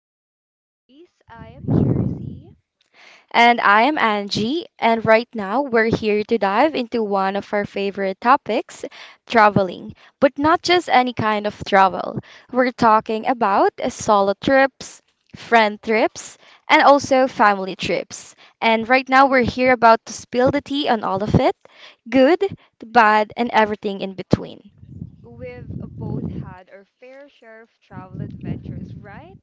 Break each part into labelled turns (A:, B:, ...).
A: Travel Diaries. I am Jersey.
B: And I am Angie, and right now we're here to dive into one of our favorite topics, traveling. But not just any kind of travel. We're talking about solo trips, friend trips, and also family trips. And right now we're here about to spill the tea on all of it, good, the bad, and everything in between.
A: We've both had our fair share of travel adventures, right?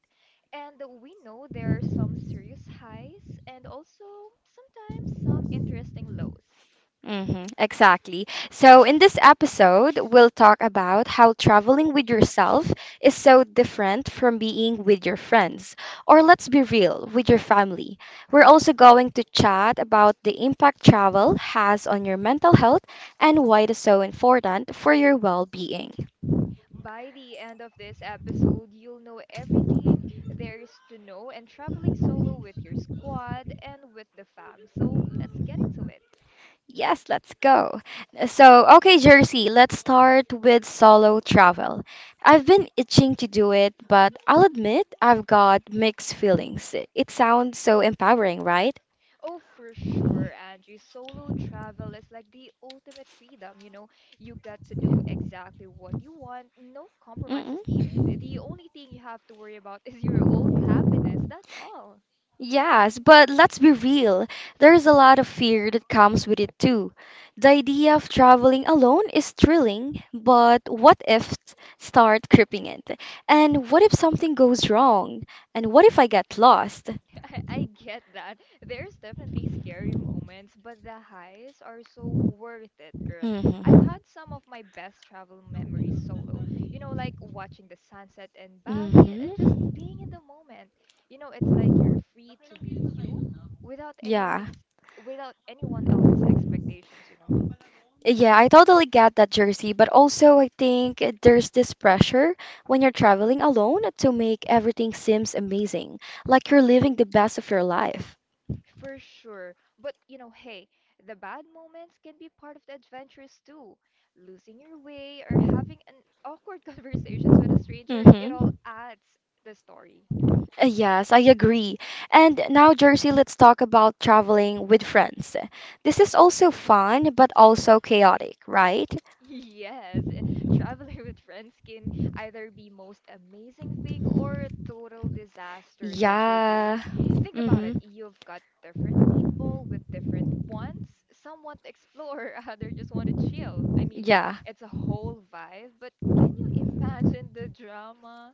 A: And we know there are some serious highs and also sometimes some interesting lows.
B: Exactly. So, in this episode, we'll talk about how traveling with yourself is so different from being with your friends, or let's be real, with your family. We're also going to chat about the impact travel has on your mental health and why it is so important for your well being.
A: By the end of this episode, you'll know everything there is to know and traveling solo with your squad and with the fam. So let's get into it.
B: Yes, let's go. So, okay, Jersey, let's start with solo travel. I've been itching to do it, but I'll admit I've got mixed feelings. It sounds so empowering, right?
A: Oh, for sure, Angie. Solo travel is like the ultimate freedom, you know. You get to do exactly what you want, no
B: Mm-mm.
A: compromises needed. The only thing you have to worry about is your own happiness. That's all.
B: Yes, but let's be real. There's a lot of fear that comes with it too. The idea of traveling alone is thrilling, but what if s- start creeping in? And what if something goes wrong? And what if I get lost?
A: I get that. There's definitely scary moments, but the highs are so worth it, girl. I've
B: Mhm.
A: had some of my best travel memories solo. You know, like watching the sunset in Bali
B: Hmm.
A: and just being in the moment. You know, it's like you're free to be you without anyone
B: Yeah.
A: ex without anyone else's expectations, you know?
B: Yeah, I totally get that, Jersey. But also, I think there's this pressure when you're traveling alone to make everything seems amazing, like you're living the best of your life.
A: For sure. But you know, hey, the bad moments can be part of the adventures too. Losing your way or having an awkward conversations with a stranger, it
B: Mm-hmm.
A: all adds the story.
B: Yes, I agree. And now, Jersey, let's talk about traveling with friends. This is also fun, but also chaotic, right?
A: Yes, traveling with friends can either be most amazing thing or a total disaster, don't you
B: Yeah.
A: agree? Think about it.
B: Mm-hmm.
A: You've got different people with different wants. Some want to explore, others just want to chill. I mean,
B: Yeah.
A: it's a whole vibe, but can you imagine the drama?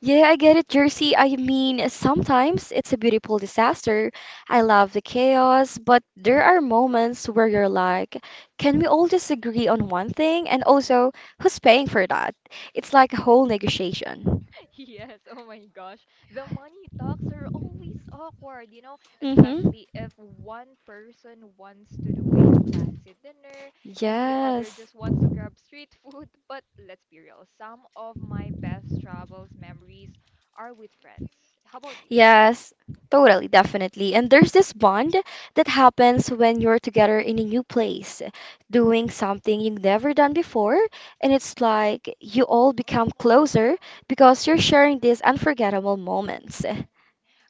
B: Yeah, I get it, Jersey. I mean, sometimes it's a beautiful disaster. I love the chaos, but there are moments where you're like, can we all just agree on one thing? And also, who's paying for that? It's like a whole negotiation.
A: Yes, oh my gosh. The money talks are always awkward, you know,
B: Mm-hmm.
A: especially if one person wants to do a fancy dinner and the other
B: Yes.
A: just wants to grab street food. But let's be real, some of my best travels memories are with friends. How about you?
B: Yes, totally, definitely. And there's this bond that happens when you're together in a new place, doing something you've never done before. And it's like you all become closer because you're sharing these unforgettable moments.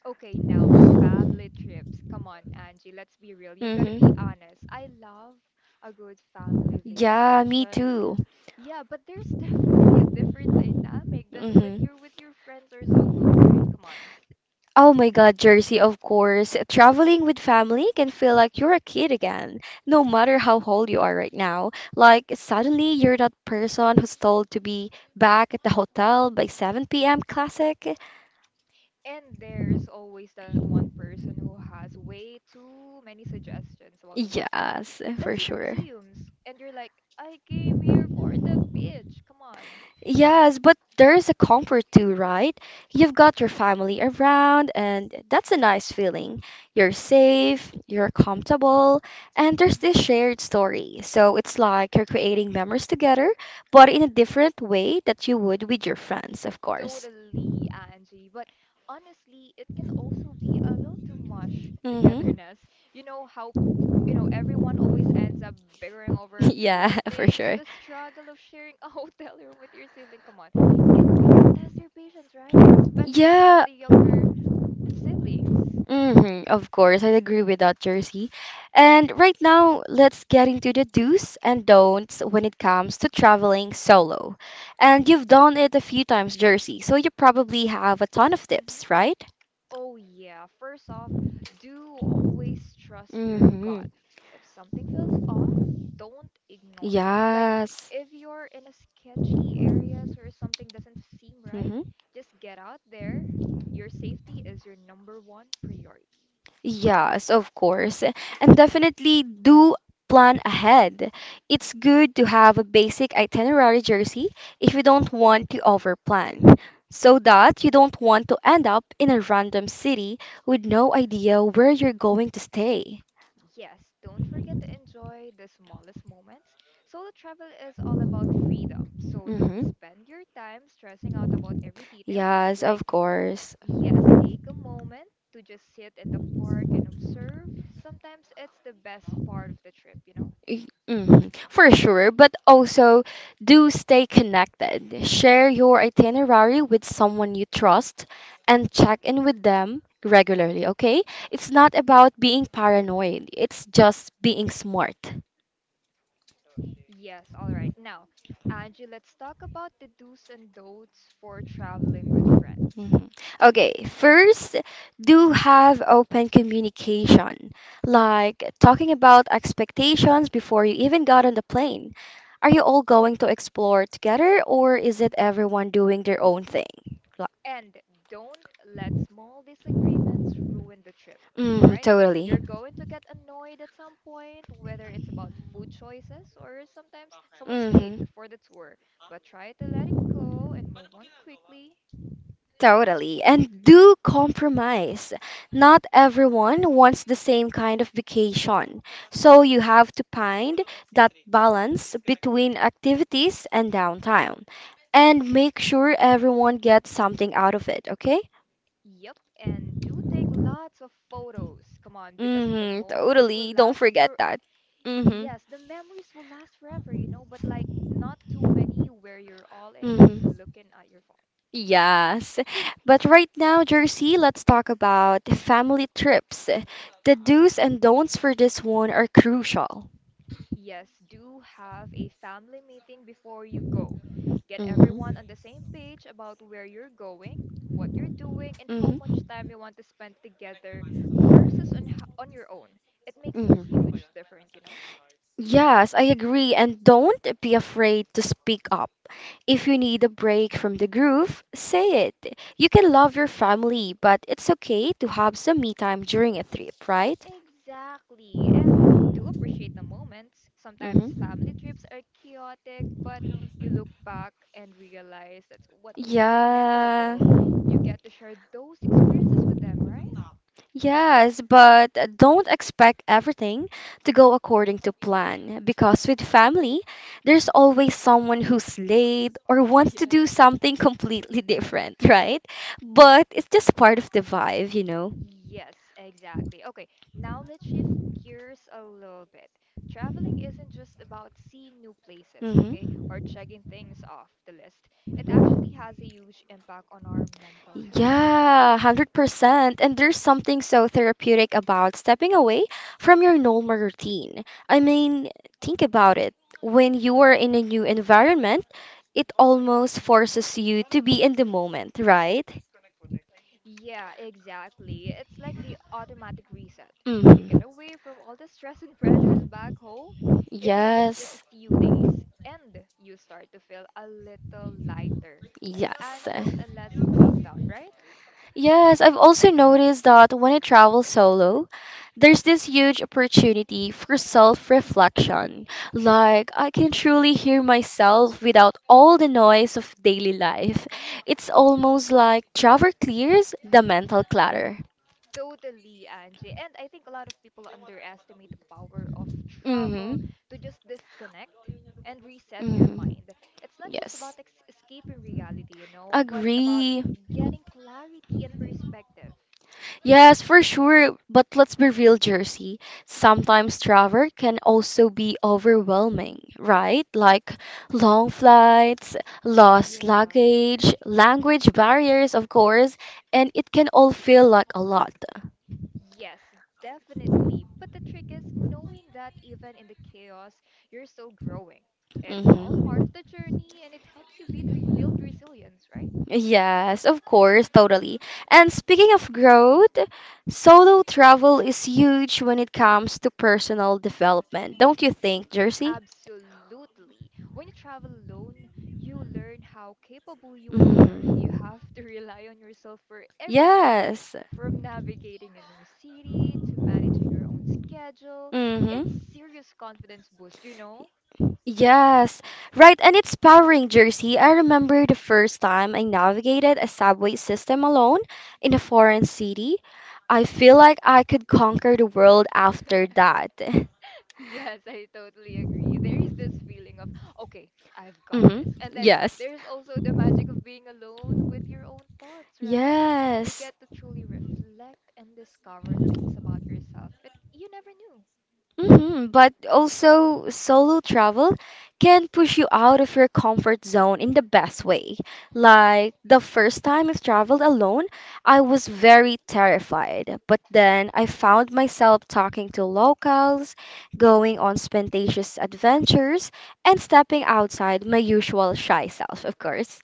A: Okay, now family trips. Come on, Angie, let's be real. You gotta be
B: Mm-hmm.
A: honest. I love a good family
B: Yeah, me
A: vacation.
B: too.
A: Yeah, but there's definitely a different dynamic than when
B: Mm-hmm.
A: you're with your friends or solo, right? Come on.
B: Oh my God, Jersey, of course. Traveling with family can feel like you're a kid again, no matter how old you are right now. Like, suddenly you're that person who's told to be back at the hotel by 7 p.m. Classic.
A: And there's always that one person who has way too many suggestions about what to do.
B: Yes,
A: Let's
B: for
A: see the
B: sure.
A: museums. And you're like, I came here for the beach. Come on.
B: Yes, but there is a comfort too, right? You've got your family around, and that's a nice feeling. You're safe, you're comfortable, and there's this
A: hmm
B: shared story. So it's like you're creating memories together, but in a different way that you would with your friends, of course.
A: Totally, Angie. But honestly, it can also be a little too much
B: Mm-hmm.
A: togetherness. You know how, everyone always ends up bickering over
B: Yeah,
A: little
B: for
A: things.
B: sure.
A: The struggle of sharing a hotel room with your sibling, come on, can really test your patience, right? Especially with
B: Yeah,
A: the younger siblings.
B: hmm of course, I agree with that, Jersey. And right now, let's get into the do's and don'ts when it comes to traveling solo. And you've done it a few times, Jersey, so you probably have a ton of
A: Mm-hmm.
B: tips, right?
A: Oh, yeah. First off, do always trust your gut.
B: Mm-hmm.
A: If something feels off, don't ignore it. Like,
B: Yes.
A: if you're in a sketchy areas where something doesn't seem right,
B: Mm-hmm.
A: just get out there. Your safety is your number one priority.
B: Yes, of course. And definitely do plan ahead. It's good to have a basic itinerary jersey if you don't want to overplan, so that you don't want to end up in a random city with no idea where you're going to stay.
A: Yes, don't forget to enjoy the smallest moments. Solo travel is all about freedom, so don't
B: hmm
A: spend your time stressing out about every detail,
B: Yes,
A: like,
B: of course.
A: yes, take a moment to just sit in the park and observe. Sometimes it's the best part of the trip, you know?
B: Mhm, for sure, but also do stay connected. Share your itinerary with someone you trust and check in with them regularly, okay? It's not about being paranoid, it's just being smart.
A: Yes, all right. Now, Angie, let's talk about the do's and don'ts for traveling with friends.
B: Mhm. Okay, first, do have open communication, like talking about expectations before you even got on the plane. Are you all going to explore together, or is it everyone doing their own thing?
A: And don't let small disagreements ruin the trip. All right?
B: Totally.
A: You're going to get annoyed at some point, whether it's about food choices or sometimes someone's late
B: hmm
A: for the tour. But try to let it go and move on quickly.
B: Totally. And do compromise. Not everyone wants the same kind of vacation. So you have to find that balance between activities and downtime. And make sure everyone gets something out of it, okay?
A: Yep, and do take lots of photos. Come on, because the moments will
B: Totally. Don't
A: last
B: forget
A: for,
B: that. Hmm
A: yes, the memories will last forever, you know, but like not too many where you're all in just
B: hmm.
A: looking at your phone.
B: Yes. But right now, Jersey, let's talk about family trips. The do's and don'ts for this one are crucial.
A: Yes, do have a family meeting before you go. Get
B: Hmm.
A: everyone on the same page about where you're going, what you're doing, and how
B: Hmm.
A: much time you want to spend together versus on your own. It makes a
B: hmm
A: huge difference, you know?
B: Yes, I agree. And don't be afraid to speak up. If you need a break from the groove, say it. You can love your family, but it's okay to have some me time during a trip, right?
A: Exactly, and do appreciate the moments. Sometimes
B: hmm
A: family trips are chaotic, but you look back and realize that's what made it
B: Yeah.
A: memorable. You get to share those experiences with them, right?
B: Yes, but don't expect everything to go according to plan because with family, there's always someone who's late or wants to
A: Yes.
B: do something completely different, right? But it's just part of the vibe, you know?
A: Yes, exactly. Okay, now let's shift gears a little bit. Traveling isn't just about seeing new places, okay,
B: hmm
A: or checking things off the list. It actually has a huge impact on our mental health.
B: Yeah, 100%. And there's something so therapeutic about stepping away from your normal routine. I mean, think about it. When you are in a new environment, it almost forces you to be in the moment, right?
A: Yeah, exactly. It's like the automatic reset. You get
B: hmm
A: away from all the stress and pressures back home, even if it's just a
B: Yes,
A: few days, and you start to feel a little lighter, less
B: yes.
A: anxious, and less bogged down, right?
B: Yes, I've also noticed that when I travel solo, there's this huge opportunity for self-reflection. Like, I can truly hear myself without all the noise of daily life. It's almost like travel clears the mental clutter.
A: Totally, Angie. And I think a lot of people underestimate the power of travel
B: Mm-hmm.
A: to just disconnect and reset your
B: Mm-hmm.
A: mind. It's not just about
B: Yes.
A: escaping reality, you know, but about
B: Agree.
A: getting clarity and perspective.
B: Yes, for sure. But let's be real, Jersey. Sometimes travel can also be overwhelming, right? Like long flights, lost
A: Yeah.
B: luggage, language barriers, of course, and it can all feel like a lot.
A: Yes, definitely. But the trick is knowing that even in the chaos, you're still growing. It's all part
B: hmm
A: of the journey and it helps you build, build resilience, right?
B: Yes, of course, totally. And speaking of growth, solo travel is huge when it comes to personal development, don't you think, Jersey?
A: Absolutely. When you travel alone, you learn how capable you are. You
B: hmm
A: have to rely on yourself for everything,
B: Yes.
A: from navigating a new city to managing your own schedule.
B: hmm
A: It's serious confidence boost, you know?
B: Yes, right, and it's powering Jersey. I remember the first time I navigated a subway system alone in a foreign city. I feel like I could conquer the world after that.
A: Yes, I totally agree. There is this feeling of, okay, I've got this.
B: Mm-hmm.
A: And then
B: Yes.
A: there's also the magic of being alone with your own thoughts, right? You
B: Yes.
A: get to truly reflect and discover things about yourself that you never knew.
B: But also, solo travel can push you out of your comfort zone in the best way. Like the first time I've traveled alone, I was very terrified. But then I found myself talking to locals, going on spontaneous adventures, and stepping outside my usual shy self, of course.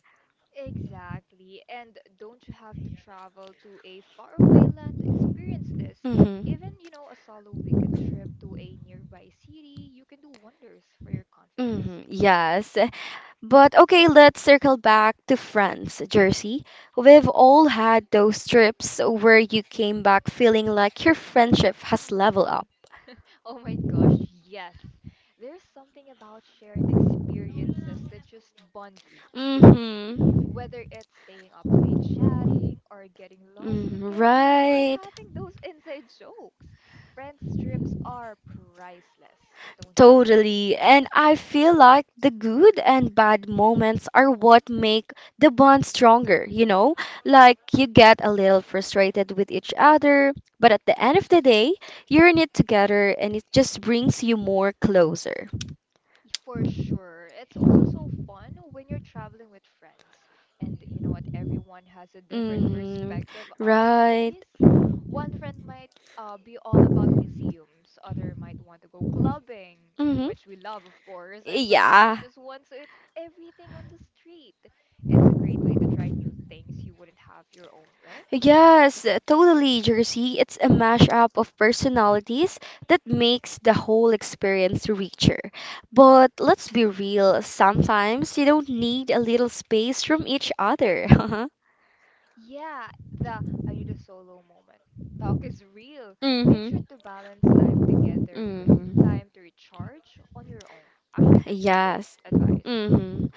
A: Exactly. And don't you have to travel to a faraway land to experience this? Even,
B: Mm-hmm.
A: you know, a solo weekend trip to a nearby city, you can do wonders for your confidence.
B: Mm-hmm. Yes. But okay, let's circle back to France, Jersey. We've all had those trips where you came back feeling like your friendship has leveled
A: Mhm.
B: up.
A: Oh my gosh, yes. There's something about shared experiences that just bond you. You know,
B: Mm-hmm.
A: whether it's staying up late chatting or getting lost
B: Mm,
A: together or
B: right.
A: having those inside jokes. Friends trips are priceless, don't you agree?
B: Totally. And I feel like the good and bad moments are what make the bond stronger, you know? Like you get a little frustrated with each other, but at the end of the day, you're in it together and it just brings you more closer.
A: For sure. It's also so fun when you're traveling with friends. And you know what? Everyone has a different
B: Mm-hmm.
A: perspective on a
B: Right.
A: place. One friend might be all about museums, other might want to go clubbing,
B: Mm-hmm.
A: which we love, of course, and someone else
B: Yeah.
A: just wants to eat everything on the street. It's a great way to try new things you wouldn't have your own, right?
B: Yes, totally, Jersey. It's a mashup of personalities that makes the whole experience richer. But let's be real, sometimes you don't need a little space from each other.
A: Yeah, the I need a solo moment. Talk is real. Make sure
B: Mm-hmm.
A: to balance time together with
B: Mm-hmm.
A: time to recharge on your own. Actually, that's a good
B: Yes.
A: advice.
B: Mm-hmm.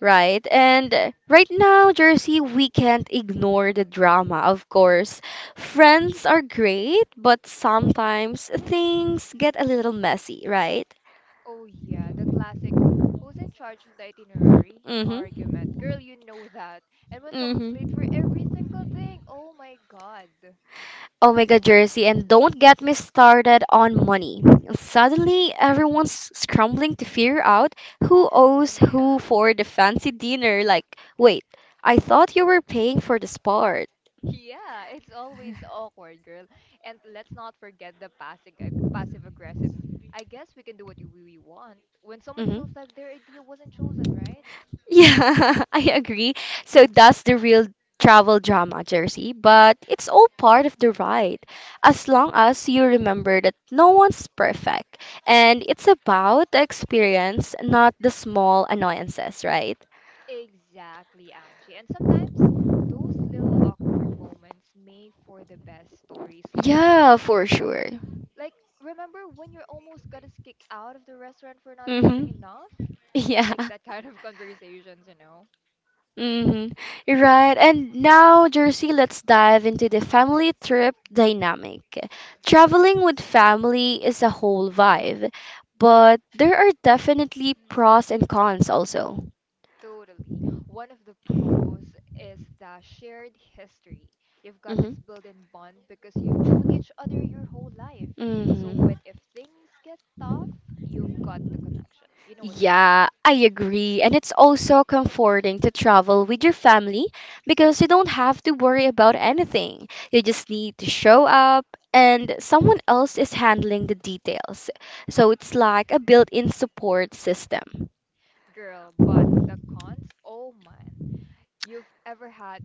B: Right. And right now, Jersey, we can't ignore the drama, of course. Friends are great, but sometimes things get a little messy, right?
A: Oh, yeah, the classic who's in charge of the itinerary
B: Mm-hmm.
A: argument. Girl, you know that. And when someone's late for
B: Mm-hmm.
A: every single thing, oh my god.
B: Oh my God, Jersey, and don't get me started on money. Suddenly, everyone's scrambling to figure out who owes who
A: Yeah.
B: for the fancy dinner. Like, wait, I thought you were paying for this part.
A: Yeah, it's always awkward, girl. And let's not forget the passive passive aggressive. I guess we can do what we want when someone feels like their idea wasn't chosen, right?
B: Yeah, I agree. So that's the real travel drama, Jersey, but it's all part of the ride. As long as you remember that no one's perfect and it's about the experience, not the
A: hmm
B: small annoyances, right?
A: Exactly, Angie. And sometimes those little awkward moments make for the best stories later.
B: Yeah, for sure.
A: Like, remember when you almost got us kicked out of the restaurant for not
B: Mm-hmm.
A: tipping enough?
B: Yeah.
A: Like that kind of conversations, you know?
B: Mm-hmm. You're right. And now, Jersey, let's dive into the family trip dynamic. Traveling with family is a whole vibe, but there are definitely
A: Hmm.
B: pros and cons also.
A: Mhm. Totally. One of the pros is the shared history. You've got
B: Hmm.
A: this built-in bond because you've known each other your whole life. So
B: Mm-hmm.
A: when if things get tough, you've got the connection. You know what to do.
B: Yeah, I agree. And it's also comforting to travel with your family because you don't have to worry about anything. You just need to show up and someone else is handling the details. So it's like
A: hmm
B: a built-in support system.
A: Girl, but the cons, oh man. You've ever had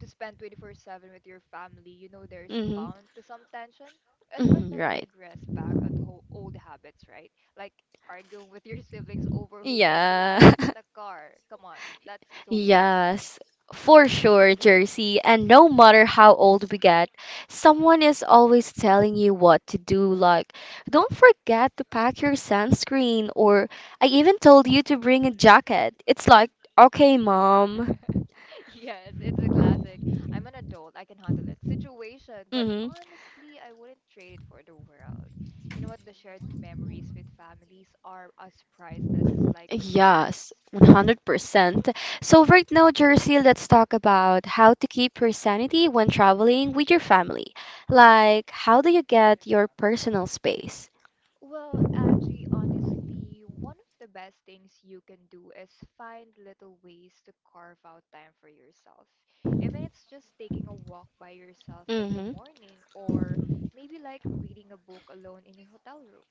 A: to spend 24/7 with your family, you know there's
B: Mm-hmm.
A: bound to some tension. It's hard
B: Mm-hmm,
A: not to
B: right.
A: regress back onto old habits, right? Like arguing with your siblings over who gets the
B: Yeah.
A: last seat in the car. Come on, that's so classic.
B: Yes, for sure, Jersey. And no matter how old we get, someone is always telling you what to do. Like, don't forget to pack your sunscreen, or I even told you to bring a jacket. It's like, okay, mom.
A: Yes, it's a classic. I'm an adult, I can handle it. Situation, but
B: Mm-hmm.
A: honestly, I wouldn't trade it for the world. You know what? The shared memories with families are as priceless as like with
B: Yes,
A: friends.
B: 100%. So, right now, Jersey, let's talk about how to keep your sanity when traveling with your family. Like, how do you get your personal space?
A: Well, Angie, honestly, one of the best things you can do is find little ways to carve out time for yourself. Even it's just taking a walk by yourself in the
B: Mm-hmm.
A: morning, or maybe like reading a book alone in your hotel room.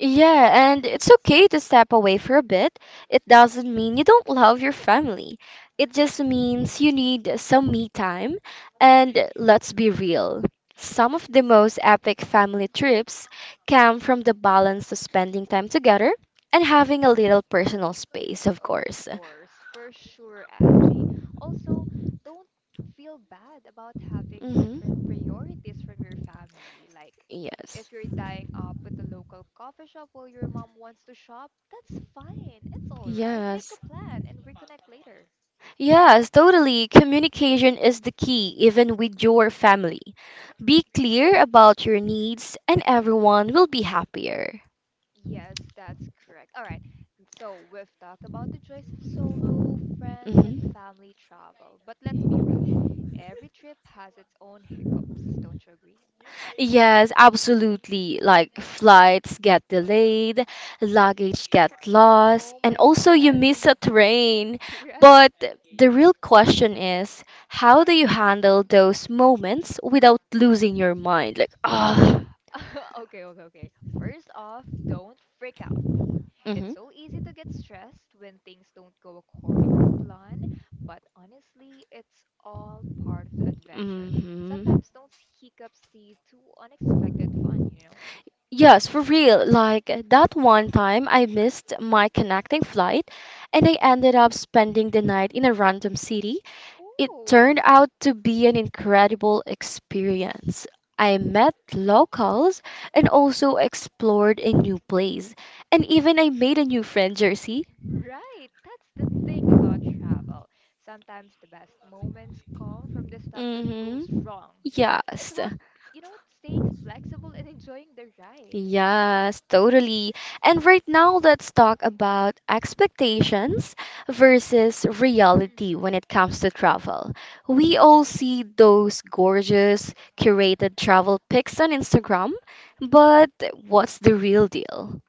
B: Yeah, and it's okay to step away for a bit. It doesn't mean you don't love your family. It just means you need some me time. And let's be real, some of the most epic family trips come from the balance of spending time together and
A: Yeah.
B: having a little personal space, of
A: Of
B: course.
A: course, for sure, Angie. Also, don't feel bad about having different
B: hmm
A: priorities from your family. Like,
B: Yes.
A: if you're dying up with a local coffee shop while your mom wants to shop, that's fine. It's all right. Make a
B: Yes.
A: plan and reconnect later.
B: Yes, totally. Communication is the key, even with your family. Be clear about your needs, and everyone will be happier.
A: Yes, that's correct. All right. So, we've talked about the joys of solo, friends, and
B: Mhm.
A: family travel. But let's be real. Every trip has its own hiccups, don't you agree?
B: Yes, absolutely. Like flights get delayed, luggage get lost,
A: Oh
B: and
A: my
B: also you
A: God.
B: miss a train.
A: Right.
B: But the real question is, how do you handle those moments without losing your mind? Like, ah.
A: Oh, okay, okay, okay. First off, don't freak out.
B: Mm-hmm.
A: It's so easy to get stressed when things don't go according to plan, but honestly, it's all part of the adventure.
B: Mm-hmm.
A: Sometimes those hiccups lead to unexpected fun, you know?
B: Yes, for real. Like that one time I missed my connecting flight and I ended up spending the night in a random city. It
A: Oh,
B: turned out to be an incredible experience. I met locals and also explored a new place. And even I made a new friend, Jersey.
A: right. That's the thing about travel. Sometimes the best moments come from the stuff that goes
B: Mm-hmm.
A: wrong. It's
B: Yes.
A: about, you know, what, staying flexible and enjoying the ride.
B: Yes, totally. And right now, let's talk about expectations versus reality when
A: Mm-hmm.
B: it comes to travel. We all see those gorgeous, curated travel pics on Instagram, but what's the real deal?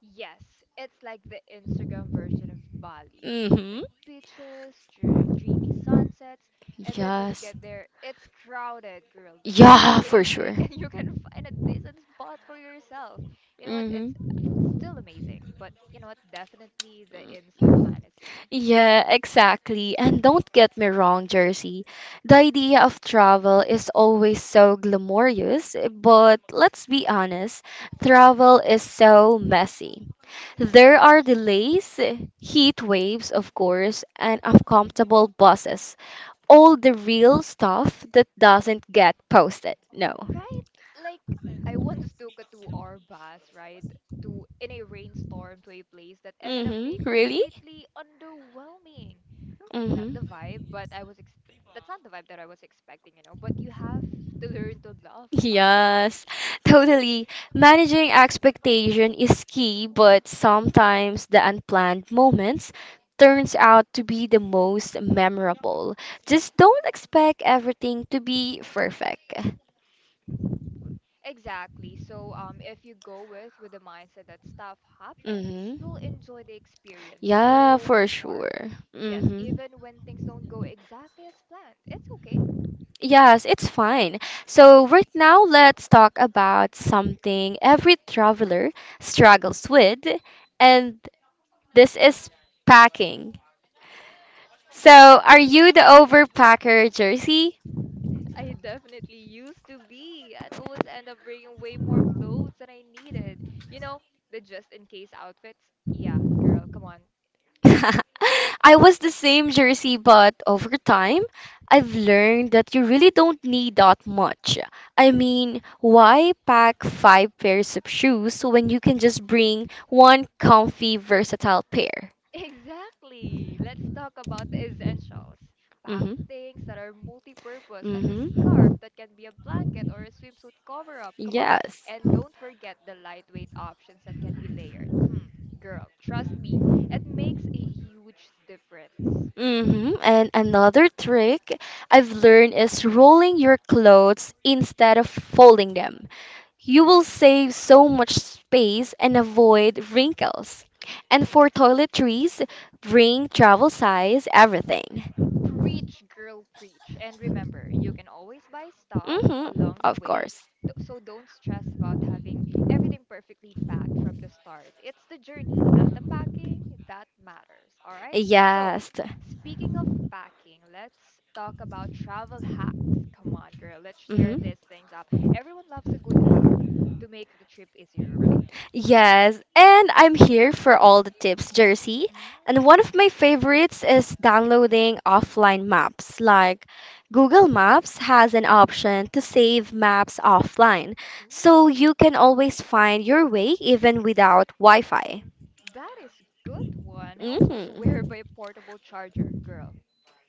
A: Yes, it's like the Instagram version of Bali.
B: Mm-hmm.
A: Perfect beaches, dreamy sunsets, and then when you get
B: Yes.
A: there, it's crowded, girl. The sun is
B: Yeah, for
A: blazing,
B: sure.
A: and you can find a decent spot for yourself. You know what? It's
B: Mm-hmm.
A: still amazing, but you know what? Definitely the Insta fantasy.
B: Yeah, exactly. And don't get me wrong, Jersey. The idea of travel is always so glamorous, but let's be honest, travel is so messy. There are delays, heat waves, of course, and uncomfortable buses. All the real stuff that doesn't get posted. No.
A: Right? Like, I once took a 2 hour bus ride to in a rainstorm to a place that ended up being
B: Mm-hmm. Really?
A: completely underwhelming. I mean, not the
B: Mm-hmm.
A: vibe, but that's not the vibe that I was expecting, but you have to learn to laugh about it.
B: Yes, totally. Managing expectation is key, but sometimes the unplanned moments turns out to be the most memorable. Just don't expect everything to be perfect.
A: Exactly. So, if you go with the mindset that stuff happens, you'll
B: Mm-hmm.
A: enjoy the experience
B: Yeah,
A: so
B: for
A: much more.
B: sure.
A: Yes,
B: Mm-hmm.
A: even when things don't go exactly as planned, it's okay.
B: Yes, it's fine. So, right now, let's talk about something every traveler struggles with, and this is packing. So, are you the overpacker, Jersey?
A: I definitely used to be. I'd always end up bringing way more clothes than I needed. You know, the just in case outfits. Yeah, girl, come on.
B: I was the same, Jersey, but over time, I've learned that you really don't need that much. I mean, why pack five pairs of shoes when you can just bring one comfy, versatile pair?
A: Exactly. Let's talk about the essentials. Pack
B: Mm-hmm.
A: things that are multi-purpose, like a scarf
B: Mm-hmm.
A: that can be a blanket or a swimsuit cover-up. Come on.
B: Yes.
A: And don't forget the lightweight options that can be layered. Girl, trust me, it makes a huge difference.
B: Mm-hmm. And another trick I've learned is rolling your clothes instead of folding them. You will save so much space and avoid wrinkles. And for toiletries, bring travel size everything.
A: Preach, girl, preach. And remember, you can always buy stuff
B: Mm-hmm,
A: along the
B: of
A: way,
B: course.
A: so don't stress about having everything perfectly packed from the start. It's the journey, not the packing, that matters, all right? So,
B: Yes.
A: speaking of packing, let's talk about travel hacks. Come on, girl, let's share
B: Mm-hmm.
A: these things up. Everyone loves a good hack to make the trip easier, right?
B: Yes, and I'm here for all the tips, Jersey. And one of my
A: Mm.
B: favorites is downloading offline maps. Google Maps has an option to save maps offline, so
A: Ooh.
B: you can always find your way even without Wi-Fi.
A: That is good one. I also swear
B: hmm
A: by a portable charger, girl.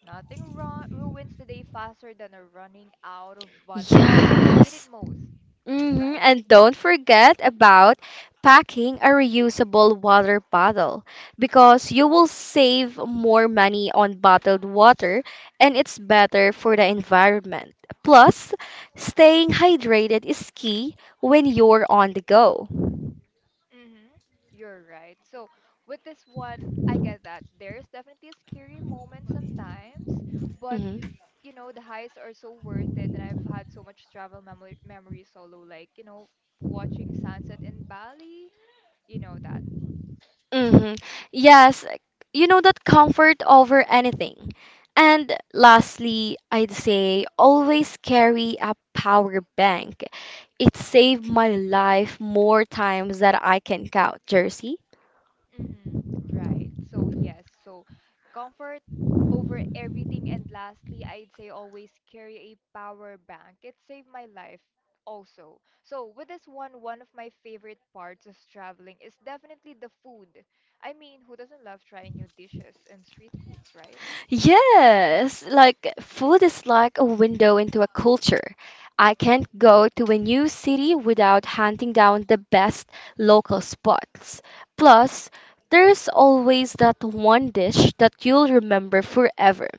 A: Nothing ruins the day faster than a running out of battery when you need it
B: Yes.
A: most, right?
B: And don't forget about packing a reusable water bottle because you will save more money on bottled water and it's better for the environment. Plus, staying hydrated is key when you're on the go.
A: Mm-hmm. You're right. So with this one, I get that. There's definitely a scary moment sometimes, but
B: Mm-hmm.
A: you know, the highs are so worth it and I've had so much travel memory solo, like, you know, watching sunset in Bali, you know that.
B: hmm Yes, you know that comfort over anything. And lastly, I'd say always carry a power bank. It saved
A: Mm-hmm.
B: my life more times than I can count, Jersey.
A: Mm-hmm. Right. So yes. So comfort over everything. And lastly, I'd say always carry a power bank. It saved my life also. So with this one, one of my favorite parts of traveling is definitely the food. I mean, who doesn't love trying new dishes and street foods, right?
B: Yes, like food is like a window into a culture. I can't go to a new city without hunting down the best local spots. Plus, there's always that one dish that you'll remember forever.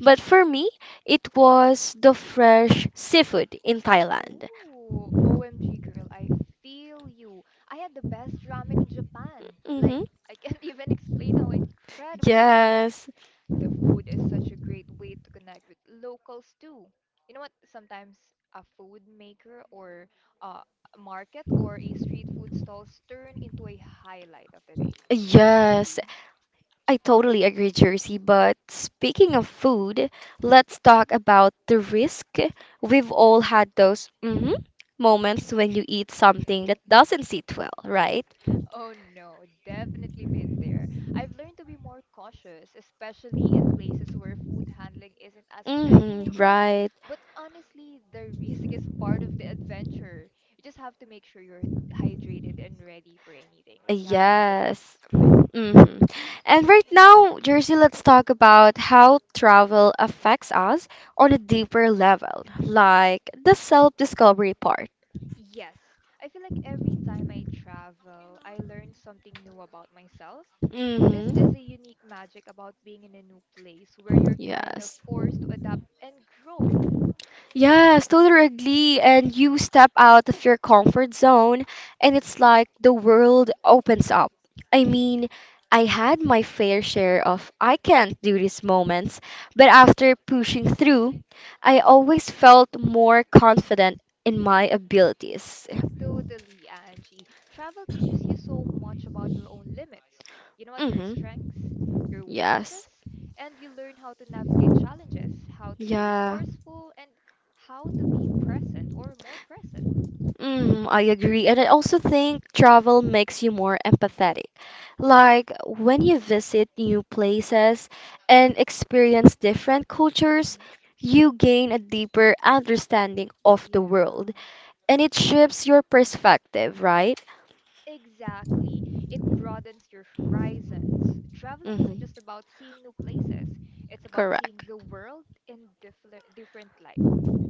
B: But for me, it was the fresh seafood in Thailand.
A: Ooh, OMG girl, I feel you. I had the best ramen in Japan. Like,
B: hmm
A: I can't even explain how incredible it was.
B: Yes,
A: The food is such a great way to connect with locals too. You know what? Sometimes a food maker or a market or a street food stalls turn into a highlight of the day. Don't you
B: yes,
A: agree?
B: I totally agree, Jersey. But speaking of food, let's talk about the risk. We've all had those moments when you eat something that doesn't sit well, right?
A: Oh no, definitely been there. I've learned to be more cautious, especially in places where food handling isn't as regulated.
B: Right.
A: But honestly, the risk is part of the adventure. You just have to make sure you're hydrated and ready for anything, like you have
B: Yes.
A: medicines, right?
B: hmm And right now, Jersey, let's talk about how travel affects us on a deeper level, like the self-discovery part.
A: Yes, I feel like every time I travel, I learn something new about myself. This is
B: hmm
A: a unique magic about being in a new place where you're kind of
B: Yes.
A: forced to adapt and grow.
B: Yes, totally agree. And you step out of your comfort zone, and it's like the world opens up. I mean, I had my fair share of I can't do these moments, but after pushing through, I always felt more confident in my abilities.
A: Totally, Angie. Travel teaches you so much about your own limits. You know what? Your
B: Mm-hmm.
A: strengths, your
B: Yes.
A: weaknesses, and you learn how to navigate challenges, how to be
B: Yeah.
A: resourceful, and how to be present or more present.
B: Mm, I agree. And I also think travel makes you more empathetic. Like when you visit new places and experience different cultures,
A: hmm
B: you gain a deeper understanding of the world
A: Yeah.
B: and it shifts your perspective, right?
A: Exactly. It broadens your horizons. Traveling isn't just
B: Mm-hmm.
A: about seeing new places, it's about seeing
B: Correct.
A: the world in different light,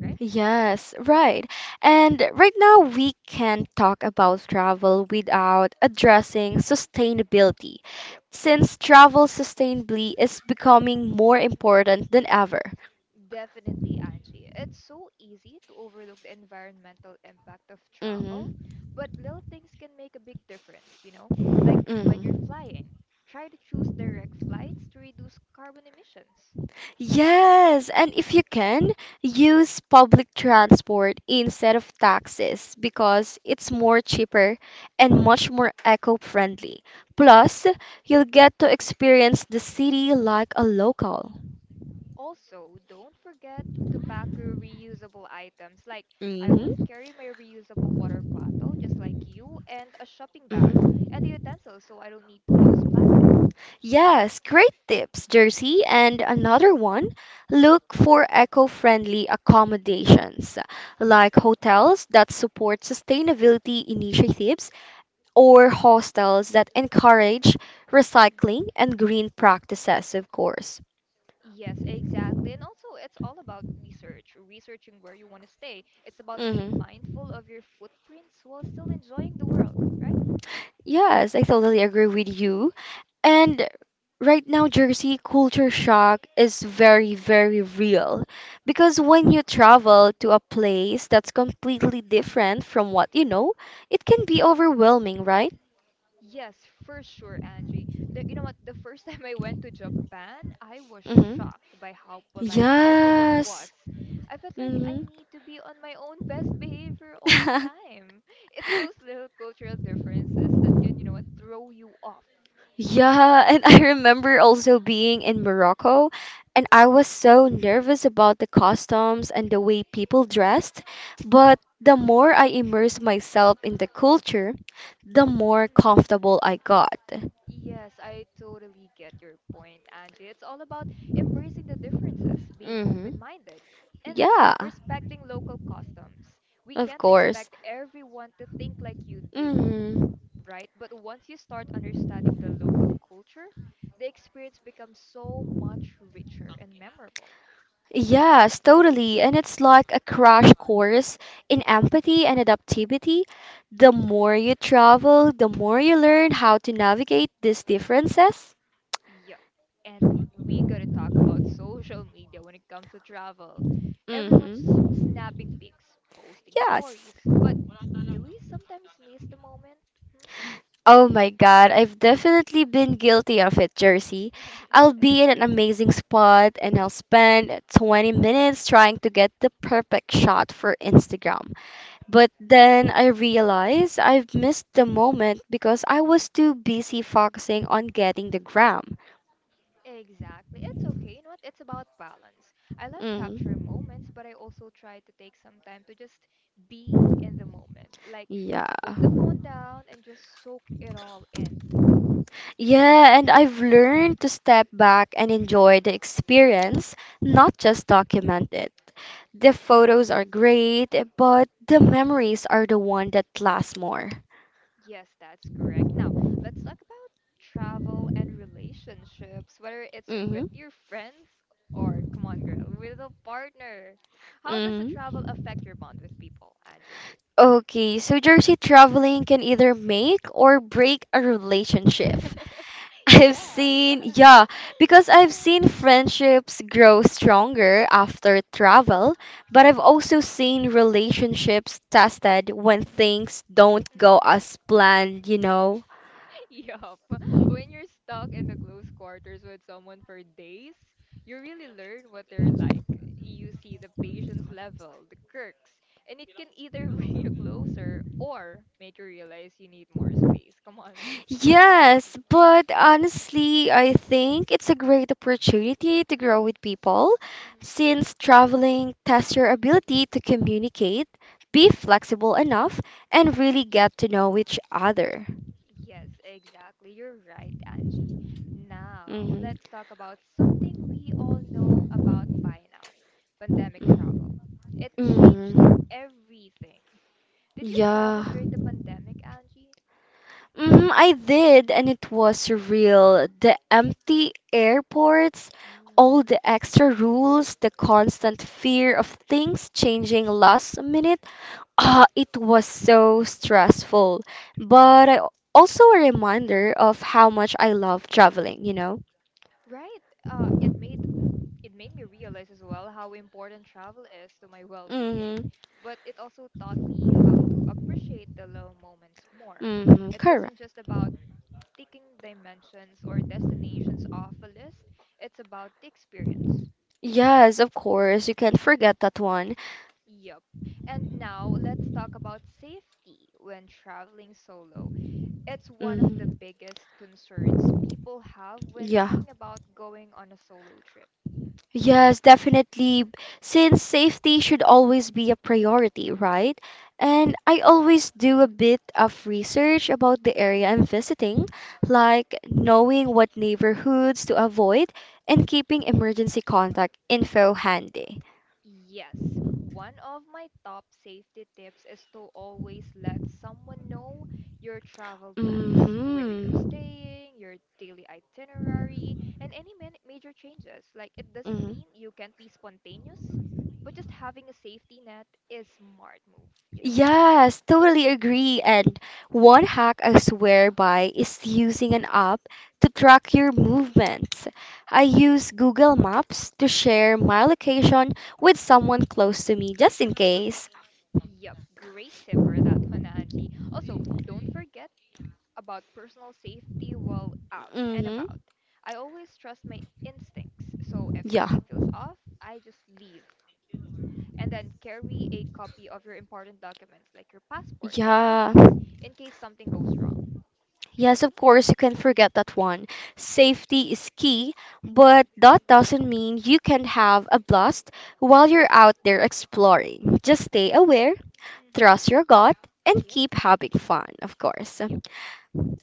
A: right?
B: Yes, right. And right now we can't talk about travel without addressing sustainability,
A: Yeah.
B: since travel sustainably is becoming more important than ever.
A: Definitely, Angie. It's so easy to overlook the environmental impact of travel,
B: hmm
A: but little things can make a big difference, you know? Like when you're
B: hmm
A: flying, try to choose direct flights to reduce carbon emissions.
B: Yes, and if you can, use public transport instead of taxis because it's more cheaper and much more eco-friendly. Plus, you'll get to experience the city like a local.
A: Also, don't forget to pack your reusable items. Like, I always
B: hmm
A: carry my reusable water bottle, just like you, and a shopping bag and
B: Mhm.
A: the utensils so I don't need to use plastic.
B: Yes, great tips, Jersey. And another one, look for eco-friendly accommodations like
A: Hmm
B: hotels that support sustainability initiatives or hostels that encourage recycling
A: hmm
B: and green practices, of course.
A: Yes, exactly. And also, it's all about research, researching where you want to stay. It's about being
B: hmm
A: mindful of your footprints while still enjoying the world, right?
B: Yes, I totally agree with you. And right now, Jersey, culture shock is very, very real. Because when you travel to a place that's completely different from what you know, it can be
A: hmm
B: overwhelming, right?
A: Yes, for sure, Angie. You know what? The first time I went to Japan, I was
B: Mm-hmm.
A: shocked by how polite everyone was.
B: Yes.
A: I felt like I
B: Mm-hmm.
A: need to be on my own best behavior all the time. It's those little cultural differences that can, you know what, throw you off.
B: Yeah, and I remember also being in Morocco, and I was so nervous about the customs and the way people dressed. But the more I immersed myself in the culture, the more
A: Mm.
B: comfortable I got.
A: Yes, I totally get your point, Angie. It's all about embracing the differences, being
B: Mhm.
A: open-minded, and
B: Yeah,
A: respecting local customs. We
B: of
A: can't
B: course.
A: expect everyone to think like you do,
B: Mhm.
A: right? But once you start understanding the local culture, the experience becomes so much richer and memorable.
B: Yes, totally. And it's like a crash course in empathy and adaptivity. The more you travel, the more you learn how to navigate these differences.
A: Yep. And we gotta talk about social media when it comes to travel. Everyone's
B: Mhm.
A: snapping pics, posting
B: Yes.
A: stories, but do we sometimes miss the moment?
B: Oh my God, I've definitely been guilty of it, Jersey.
A: Hmm?
B: I'll be in an amazing spot and I'll spend 20 minutes trying to get the perfect shot for Instagram. But then I realized I've missed the moment because I was too busy focusing on getting the gram.
A: Exactly. It's okay. You know what? It's about balance. I love capturing
B: Mm,
A: moments, but I also try to take some time to just be in the moment. Like,
B: yeah.
A: put the phone down and just soak it all in.
B: Yeah, and I've learned to step back and enjoy the experience, not just document it. The photos are great, but the memories are the one that lasts more.
A: Yes, that's correct. Now, let's talk about travel and relationships, whether it's
B: Mm-hmm.
A: with your friends or, come on, girl, with a partner. How does the
B: Mm-hmm.
A: travel affect your bond with people, Angie?
B: Okay, so Jersey, traveling can either make or break a relationship. I've
A: Yeah.
B: seen, yeah, because I've seen friendships grow stronger after travel, but I've also seen relationships tested when things don't go
A: Mm.
B: as planned, you know?
A: Yup. When you're stuck in the close quarters with someone for days, you really learn what they're like. You see the patience level, the quirks, and it can either bring you closer or make you realize you need more space. Come on.
B: Yes, but honestly, I think it's a great opportunity to grow with people
A: Hmm
B: since traveling tests your ability to communicate, be flexible enough, and really get to know each other.
A: Yes, exactly. You're right, Angie. Now,
B: hmm
A: let's talk about something we all know about by now, pandemic travel. It changed
B: hmm
A: everything. Did you travel
B: Yeah.
A: during the pandemic, Angie?
B: Mhm, I did, and it was surreal. The empty airports,
A: Oh.
B: all the extra rules, the constant fear of things changing last minute. Ah, it was so stressful, but I, also a reminder of how much I love traveling, you know?
A: Right. It made me realize as well how important travel is to my well-being,
B: Mm-hmm.
A: but it also taught me how to appreciate the little moments more.
B: Mm-hmm.
A: It wasn't
B: Correct.
A: just about ticking dimensions or destinations off a list, it's about the experience.
B: Yes, of course. You can't forget that one.
A: Yup. And now let's talk about safety when traveling solo. It's one of the
B: Mm-hmm.
A: biggest concerns people have when
B: Yeah.
A: thinking about going on a solo trip.
B: Yes, definitely. Since safety should always be a priority, right? And I always do a bit of research about the area I'm visiting, like knowing what neighborhoods to avoid and keeping emergency contact info handy.
A: Yes, one of my top safety tips is to always let someone know your travel plans, where you're
B: Mm-hmm.
A: staying, your daily itinerary, and any man major changes. Like, it doesn't
B: Mm-hmm.
A: mean you can't be spontaneous, but just having a safety net is smart move, you know?
B: Yes, totally agree. And one hack I swear by is using an app to track your movements. I use Google Maps to share my location with someone close to me just in case.
A: Yep, great tip for that one, Angie. Also, don't forget about personal safety while out and
B: Mm-hmm.
A: about. I always trust my instincts, so if
B: Yeah.
A: something feels off, I just leave. And then carry a copy of your important documents like your passport and
B: Yeah.
A: IDs in case something goes wrong.
B: Yes, of course, you can forget that one. Safety is key, but that doesn't mean you can have a blast while you're out there exploring. Just stay aware, trust
A: Mm-hmm.
B: your gut, and
A: Yep.
B: keep having fun, of course.
A: Yep.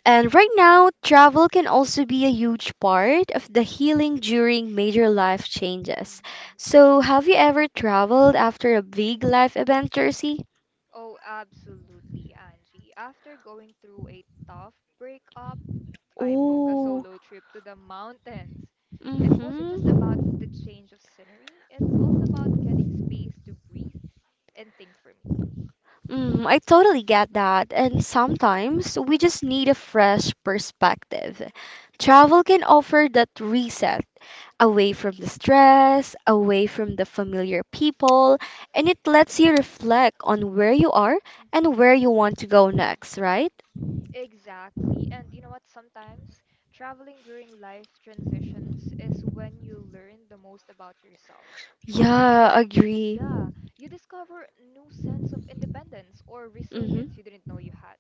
B: And right now, travel can also be a huge part of the healing during major life changes.
A: hmm
B: So, have you ever traveled after a big life event, Jersey?
A: Oh, absolutely, Angie. After going through a tough breakup, I booked a
B: Oh,
A: solo trip to the mountains. It wasn't just
B: mm-hmm.
A: about the change of scenery, it's also about getting space to breathe and think for me.
B: Mm, I totally get that. And sometimes we just need a fresh perspective. Travel can offer that reset away from the stress, away from the familiar people, and it lets you reflect on where you are
A: Hmm
B: and where you want to go
A: Yeah,
B: next, right?
A: exactly. And you know what? Sometimes traveling during life transitions is when you learn the most about yourself. You
B: Yeah,
A: dis
B: agree.
A: yeah, you discover new sense of independence or
B: Mhm.
A: resilience you didn't know you had,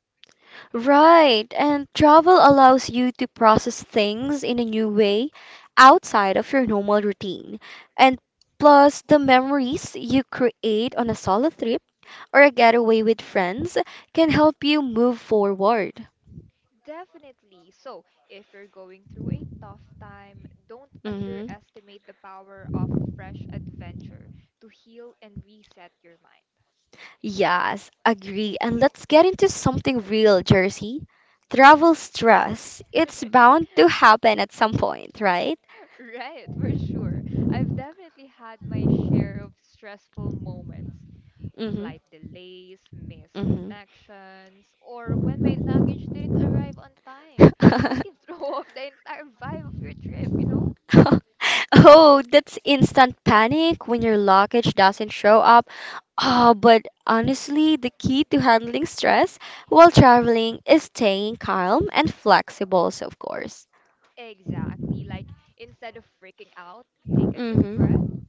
A: you know.
B: Right, and travel allows you to process things in a new way outside of your normal routine. And plus, the memories you create on a solo trip or a getaway with friends can help you move forward.
A: Definitely. So, if you're going through a tough time, don't
B: hmm
A: underestimate the power of a fresh adventure to heal and reset your mind.
B: Yes, agree. And let's get into something real, Jersey. Travel stress. It's bound to happen at some point, right?
A: Right, for sure. I've definitely had my share of stressful moments.
B: Mm-hmm.
A: Flight delays, missed
B: Mm-hmm.
A: connections, or when my luggage didn't arrive on time. I can throw off the entire vibe of your trip, you know?
B: Oh, that's instant panic when your luggage doesn't show up. Ah, but honestly, the key to handling stress while traveling is staying calm and
A: Yup.
B: flexible, so of course.
A: Exactly. Like instead of freaking out, take a deep breath,
B: Mm-hmm.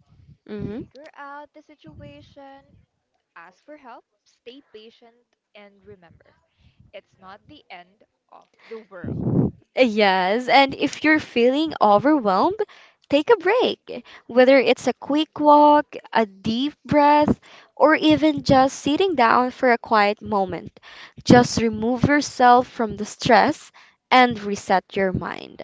B: Mm-hmm.
A: figure out the situation, ask for help, stay patient, and remember, it's not the end of the world.
B: Yes, and if you're feeling overwhelmed, take a break. Whether it's a quick walk, a deep breath, or even just sitting down for a quiet moment, just remove yourself from the stress and reset your mind.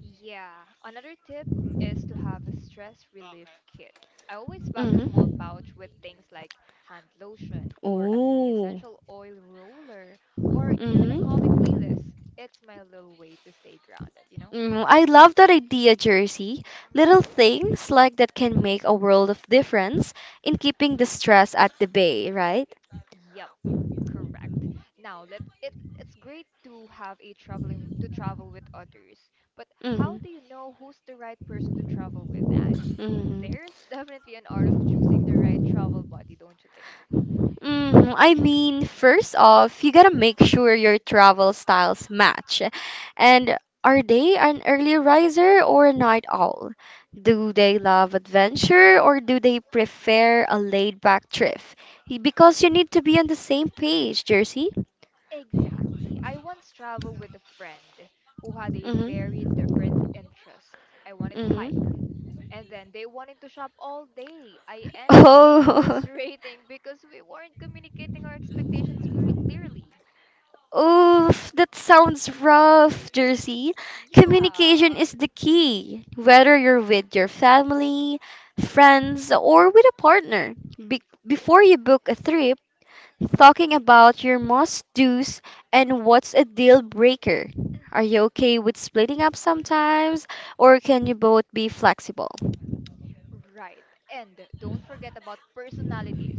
A: Yeah, another tip is to have a stress relief kit. I always pack a small
B: Mm-hmm.
A: pouch with things like hand lotion or a mini
B: Oh.
A: essential oil roller or even a calming
B: Mm-hmm.
A: playlist. It's my little way to stay grounded, you know?
B: Mm, I love that idea, Jersey. Little
A: Hmm
B: things like that can make a world of difference in keeping the stress at the bay, right?
A: Yep. Correct. Now, let's it it's great to have a traveling to travel with others, but how
B: Mm-hmm.
A: do you know who's the right person to travel with, Angie?
B: Mm-hmm.
A: There's definitely an art of choosing the right travel buddy, don't you think?
B: Mm, I mean, first off, you gotta make sure your travel styles match. And are they an early riser or a night owl? Do they love
A: Mhm.
B: adventure or do they prefer a laid-back trip? Because you need to be on the same page, Jersey.
A: Exactly. I once traveled with a friend who had a very
B: Mm-hmm.
A: different interest. I wanted to hike,
B: Mm-hmm.
A: and then they wanted to shop all day. I ended up being
B: Oh.
A: frustrating because we weren't communicating our expectations clearly.
B: Oof, that sounds rough, Jersey. Communication
A: Yeah.
B: is the key, whether you're with your family, friends, or with a partner. Before you book a trip, talking about your must do's and what's a deal breaker. Are
A: Mhm.
B: you okay with splitting up sometimes, or can you both be flexible?
A: Right. And don't forget about personalities.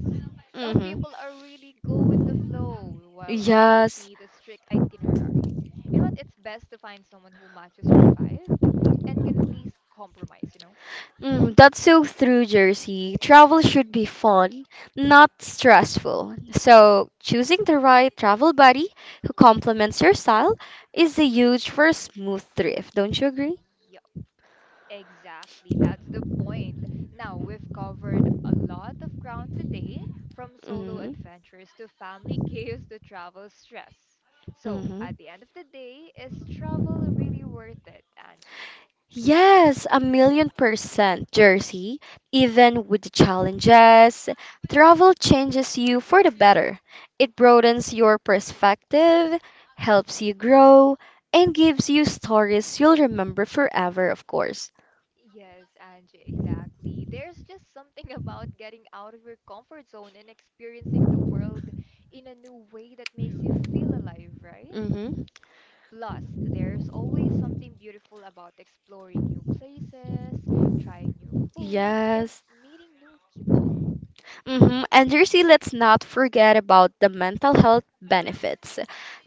A: Some
B: Mm-hmm.
A: people are really go with the flow, while others
B: Yes,
A: need a strict itinerary. You know what? It's best to find someone who matches your vibe and can at least compromise, you know?
B: mm, that's so through, Jersey. Travel should be fun, not stressful. So, choosing the right travel buddy who complements your style is a huge for a smooth trip. Don't you agree?
A: Yeah, exactly. That's the point. Now, we've covered a lot of ground today, from solo
B: Mm-hmm.
A: adventures to family chaos to travel stress. So,
B: Mm-hmm.
A: at the end of the day, is travel really worth it, Angie?
B: Yes, a million percent, Jersey. Even with the challenges, travel changes you for the better. It broadens your perspective, helps you grow, and gives you stories you'll remember forever, of course.
A: Yes, Angie, exactly. There's just something about getting out of your comfort zone and experiencing the world in a new way that makes you feel alive, right?
B: hmm
A: Plus, there's always something beautiful about exploring new places, trying new foods, and
B: Yes.
A: meeting new people.
B: And Jersey, let's not forget about the mental health benefits.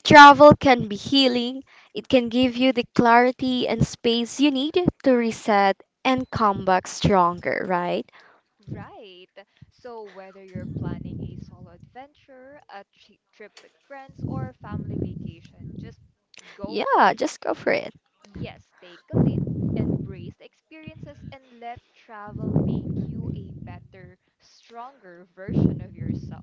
B: Travel can be healing. It can give you the clarity and space you need to reset and come back stronger, right?
A: Right. So, whether you're planning a solo adventure, a trip with friends, or a family vacation, just go for
B: Yeah,
A: it.
B: just go for it.
A: Yes, take a leap, embrace the experiences, and let travel make you a better, stronger version of yourself.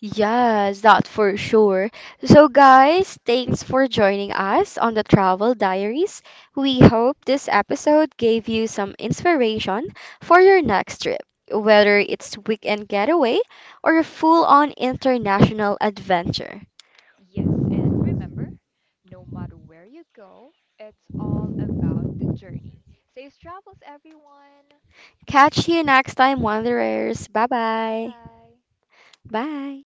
B: Yes, that for sure. So, guys, thanks for joining us on the Travel Diaries. We hope
A: Mhm.
B: this episode gave you some inspiration for your next trip, whether it's weekend getaway or a full-on international adventure.
A: Yes, and remember, no matter where you go, it's all about the journey. Safe travels, everyone.
B: Catch you next time, wanderers.
A: Bye
B: Bye-bye.
A: bye.
B: Bye.